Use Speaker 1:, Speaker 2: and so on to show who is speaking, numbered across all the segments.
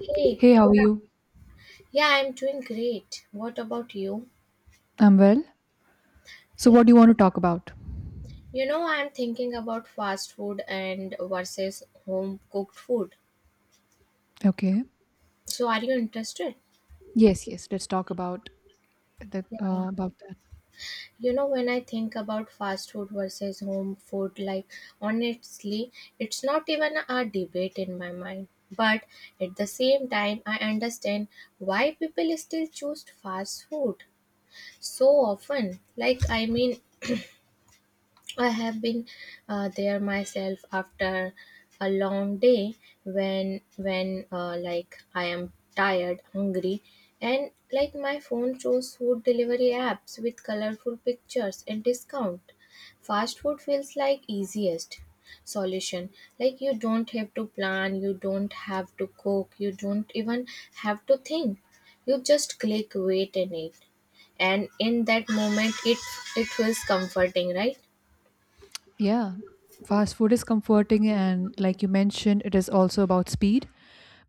Speaker 1: Hey,
Speaker 2: Hey, how
Speaker 1: good.
Speaker 2: are you?
Speaker 1: Yeah, I'm doing great. What about you?
Speaker 2: I'm well. So, what do you want to talk about?
Speaker 1: You know, I'm thinking about fast food and versus home cooked food.
Speaker 2: Okay.
Speaker 1: So, are you interested?
Speaker 2: Yes, yes. Let's talk about that.
Speaker 1: Yeah.
Speaker 2: About that.
Speaker 1: You know, when I think about fast food versus home food, like honestly, it's not even a debate in my mind. But at the same time, I understand why people still choose fast food so often. Like, I mean, I have been there myself after a long day when like I am tired, hungry, and like my phone shows food delivery apps with colorful pictures and discount. Fast food feels like easiest solution. Like you don't have to plan, you don't have to cook, you don't even have to think. You just click, wait, and eat. And in that moment, it feels comforting, right?
Speaker 2: Yeah. Fast food is comforting, and like you mentioned, it is also about speed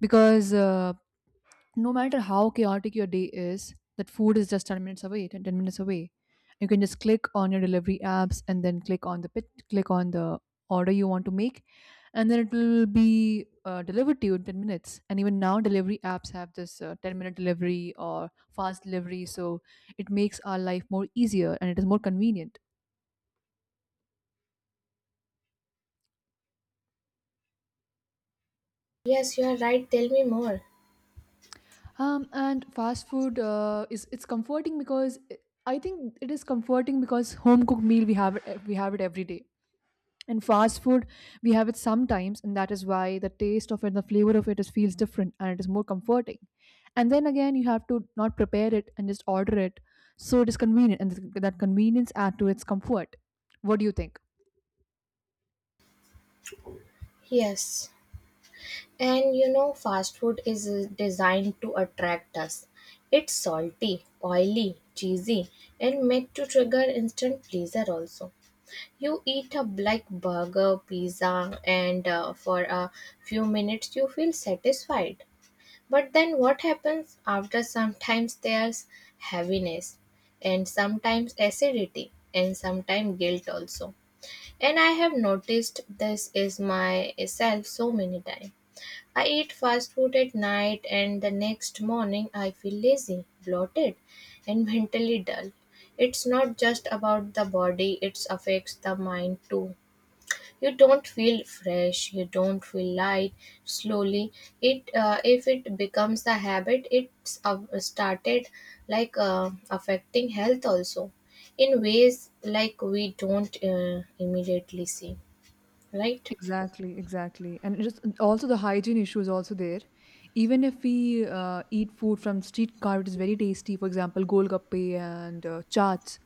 Speaker 2: because no matter how chaotic your day is, that food is just 10 minutes away, ten minutes away. You can just click on your delivery apps and then click on the order you want to make, and then it will be delivered to you in 10 minutes. And even now, delivery apps have this 10-minute delivery or fast delivery, so it makes our life more easier and it is more convenient.
Speaker 1: Yes, you are right. Tell me more.
Speaker 2: And fast food is it's comforting because I think it is comforting because home cooked meal we have it every day, in fast food we have it sometimes, and that is why the taste of it, the flavor of it, is feels different, and it is more comforting. And then again, you have to not prepare it and just order it, so it is convenient, and that convenience add to its comfort. What do you think?
Speaker 1: Yes. And you know, fast food is designed to attract us. It's salty, oily, cheesy, and made to trigger instant pleasure also. You eat a like burger, pizza, and for a few minutes you feel satisfied. But then what happens? After sometimes there's heaviness, and sometimes acidity, and sometimes guilt also. And I have noticed this is myself so many times. I eat fast food at night and the next morning I feel lazy, bloated, and mentally dull. It's not just about the body, it affects the mind too. You don't feel fresh, you don't feel light. Slowly, it if it becomes a habit, it's started affecting health also in ways like we don't immediately see, right?
Speaker 2: Exactly, exactly. And just also the hygiene issue is also there. Even if we eat food from street car, it is very tasty. For example, golgappe and chaats,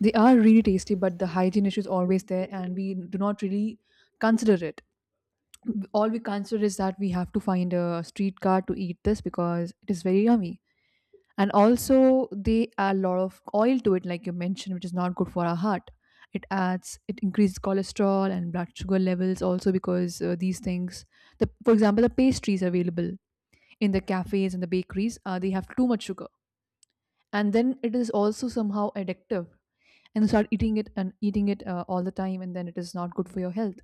Speaker 2: they are really tasty, but the hygiene issue is always there, and we do not really consider it. All we consider is that we have to find a streetcar to eat this because it is very yummy. And also, they add a lot of oil to it, like you mentioned, which is not good for our heart. It increases cholesterol and blood sugar levels also because these things, for example, the pastries available in the cafes and the bakeries, they have too much sugar. And then it is also somehow addictive. And you start eating it and eating it all the time, and then it is not good for your health.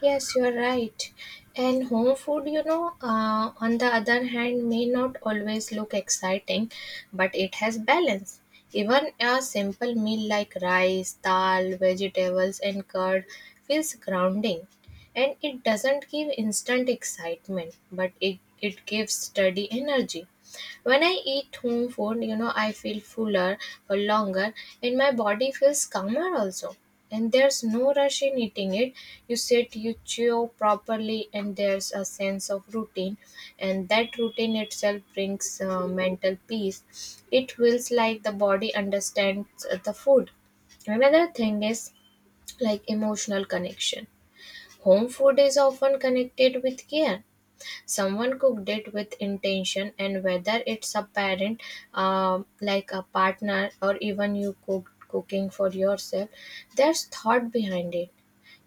Speaker 1: Yes, you're right. And home food, you know, on the other hand, may not always look exciting, but it has balance. Even a simple meal like rice, dal, vegetables, and curd feels grounding. And it doesn't give instant excitement, but it gives steady energy. When I eat home food, you know, I feel fuller for longer and my body feels calmer also. And there's no rush in eating it. You sit, you chew properly, and there's a sense of routine. And that routine itself brings mental peace. It feels like the body understands the food. Another thing is like emotional connection. Home food is often connected with care. Someone cooked it with intention, and whether it's a parent, like a partner, or even you cooking for yourself, there's thought behind it.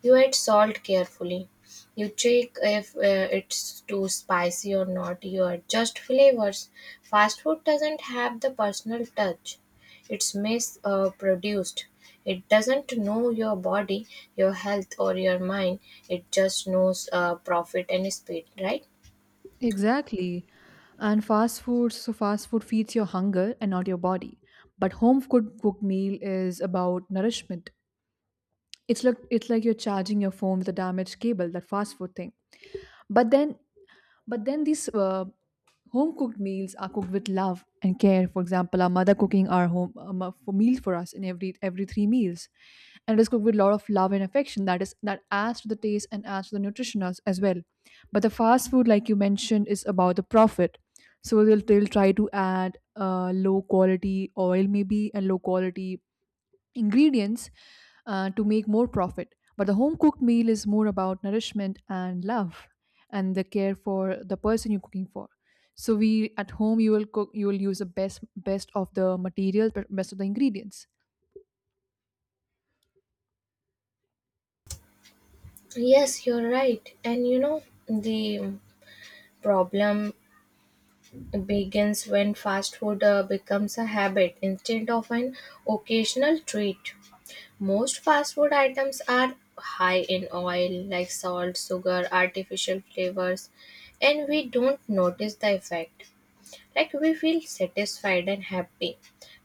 Speaker 1: You add salt carefully, you check if it's too spicy or not, you adjust flavors. Fast food doesn't have the personal touch. It's mass produced. It doesn't know your body, your health, or your mind. It just knows profit and speed, right?
Speaker 2: Exactly. And fast food, so fast food feeds your hunger and not your body. But home cooked meal is about nourishment. It's like you're charging your phone with a damaged cable, that fast food thing. But then but then these home cooked meals are cooked with love and care. For example, our mother cooking our home for meal for us in every three meals, and it is cooked with a lot of love and affection. That adds to the taste and adds to the nutrition as well. But the fast food, like you mentioned, is about the profit. So they'll try to add low quality oil maybe and low quality ingredients to make more profit. But the home cooked meal is more about nourishment and love and the care for the person you're cooking for. So we at home, you will cook, you will use the best of the material, but best of the ingredients.
Speaker 1: Yes, you're right. And you know, the problem begins when fast food becomes a habit instead of an occasional treat. Most fast food items are high in oil, like salt, sugar, artificial flavors, and we don't notice the effect. Like we feel satisfied and happy,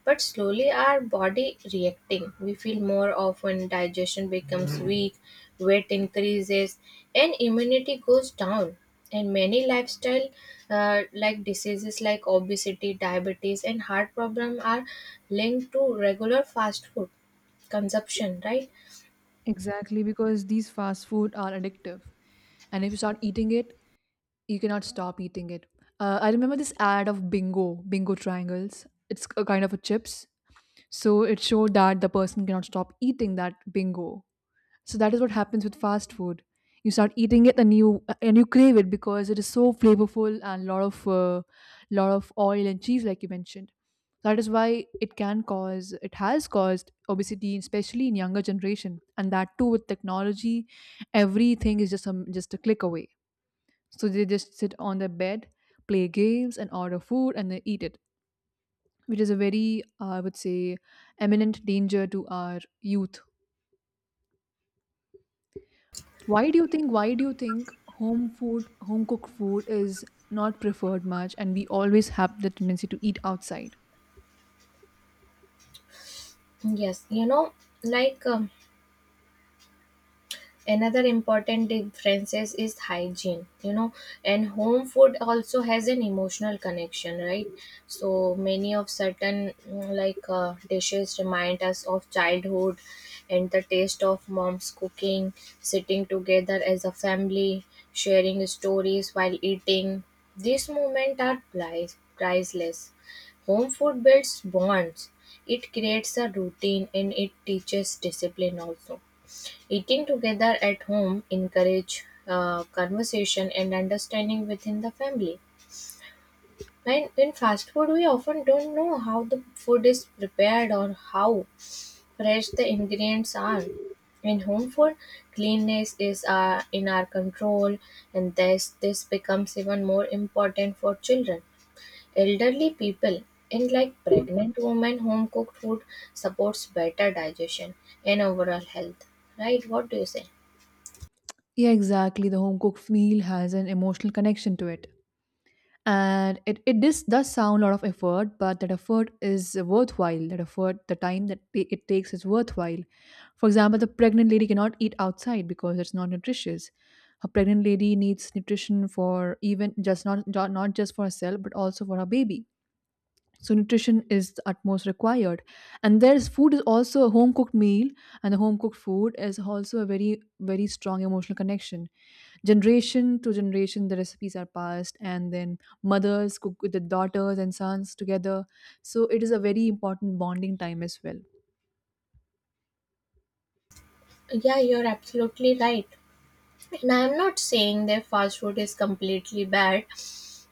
Speaker 1: but slowly our body reacting. We feel more often digestion becomes weak, weight increases, and immunity goes down. And many lifestyle like diseases like obesity, diabetes, and heart problem are linked to regular fast food consumption, right?
Speaker 2: Exactly, because these fast food are addictive, and if you start eating it you cannot stop eating it. I remember this ad of bingo triangles. It's a kind of a chips, so it showed that the person cannot stop eating that bingo. So that is what happens with fast food. You start eating it, and you crave it because it is so flavorful, and lot of oil and cheese, like you mentioned. That is why it has caused obesity, especially in younger generation, and that too with technology. Everything is just a click away. So they just sit on their bed, play games, and order food and they eat it, which is a very I would say eminent danger to our youth. Why do you think home food, home cooked food is not preferred much and we always have the tendency to eat outside?
Speaker 1: Yes, you know, like. Another important differences is hygiene, you know. And home food also has an emotional connection, right? So many of certain like dishes remind us of childhood, and the taste of mom's cooking, sitting together as a family, sharing stories while eating, these moments are priceless. Home food builds bonds, it creates a routine, and it teaches discipline also. Eating together at home encourage conversation and understanding within the family. When in fast food, we often don't know how the food is prepared or how fresh the ingredients are. In home food, cleanliness is in our control, and this becomes even more important for children, elderly people, and like pregnant women. Home cooked food supports better digestion and overall health. Right? What do you say?
Speaker 2: Yeah, exactly. The home cooked meal has an emotional connection to it. And it, it this does sound a lot of effort, but that effort is worthwhile. That effort, the time that it takes is worthwhile. For example, the pregnant lady cannot eat outside because it's not nutritious. A pregnant lady needs nutrition for even just not just for herself, but also for her baby, so nutrition is the utmost required. And there's food is also a home cooked meal, and the home cooked food is also a very very strong emotional connection. Generation to generation, the recipes are passed, and then mothers cook with the daughters and sons together, so it is a very important bonding time as well.
Speaker 1: Yeah, you're absolutely right. And I'm not saying that fast food is completely bad.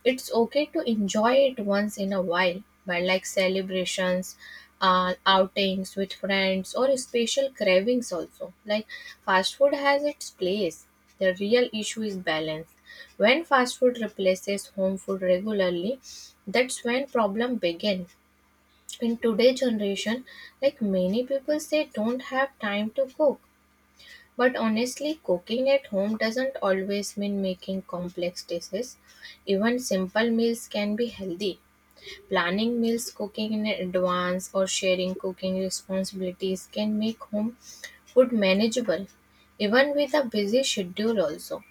Speaker 1: It's okay to enjoy it once in a while, but like celebrations, outings with friends, or special cravings also. Like fast food has its place. The real issue is balance. When fast food replaces home food regularly, that's when problem begins. In today's generation, like many people say, don't have time to cook, but honestly, cooking at home doesn't always mean making complex dishes. Even simple meals can be healthy. Planning meals, cooking in advance, or sharing cooking responsibilities can make home food manageable, even with a busy schedule, also.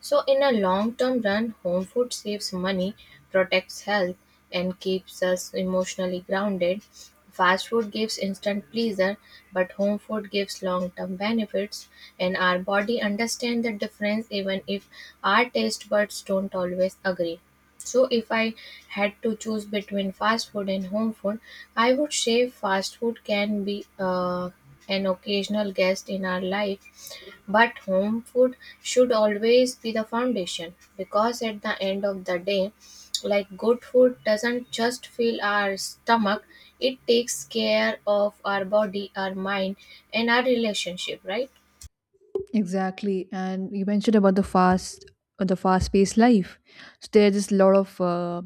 Speaker 1: So, in a long term run, home food saves money, protects health, and keeps us emotionally grounded. Fast food gives instant pleasure, but home food gives long term benefits, and our body understands the difference even if our taste buds don't always agree. So, if I had to choose between fast food and home food, I would say fast food can be an occasional guest in our life, but home food should always be the foundation, because at the end of the day, like good food doesn't just fill our stomach, it takes care of our body, our mind, and our relationship, right?
Speaker 2: Exactly, and you mentioned about the fast, the fast-paced life. So there are just a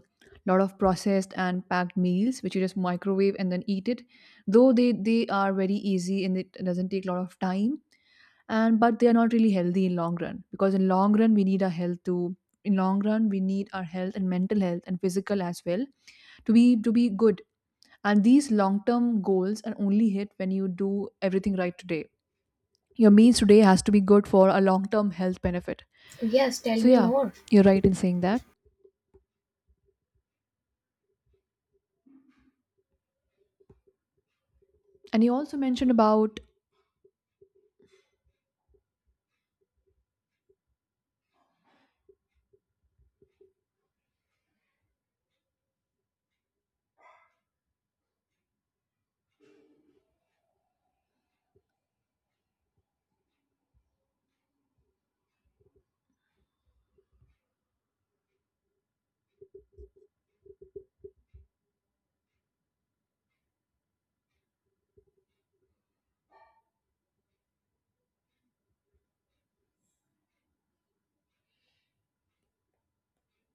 Speaker 2: lot of processed and packed meals which you just microwave and then eat it. Though they are very easy and it doesn't take a lot of time, and but they are not really healthy in long run, because in long run we need our health and mental health and physical as well to be good. And these long term goals are only hit when you do everything right today. Your meals today has to be good for a long term health benefit.
Speaker 1: Yes, tell
Speaker 2: So
Speaker 1: me
Speaker 2: yeah,
Speaker 1: more.
Speaker 2: you're right in saying that, and you also mentioned about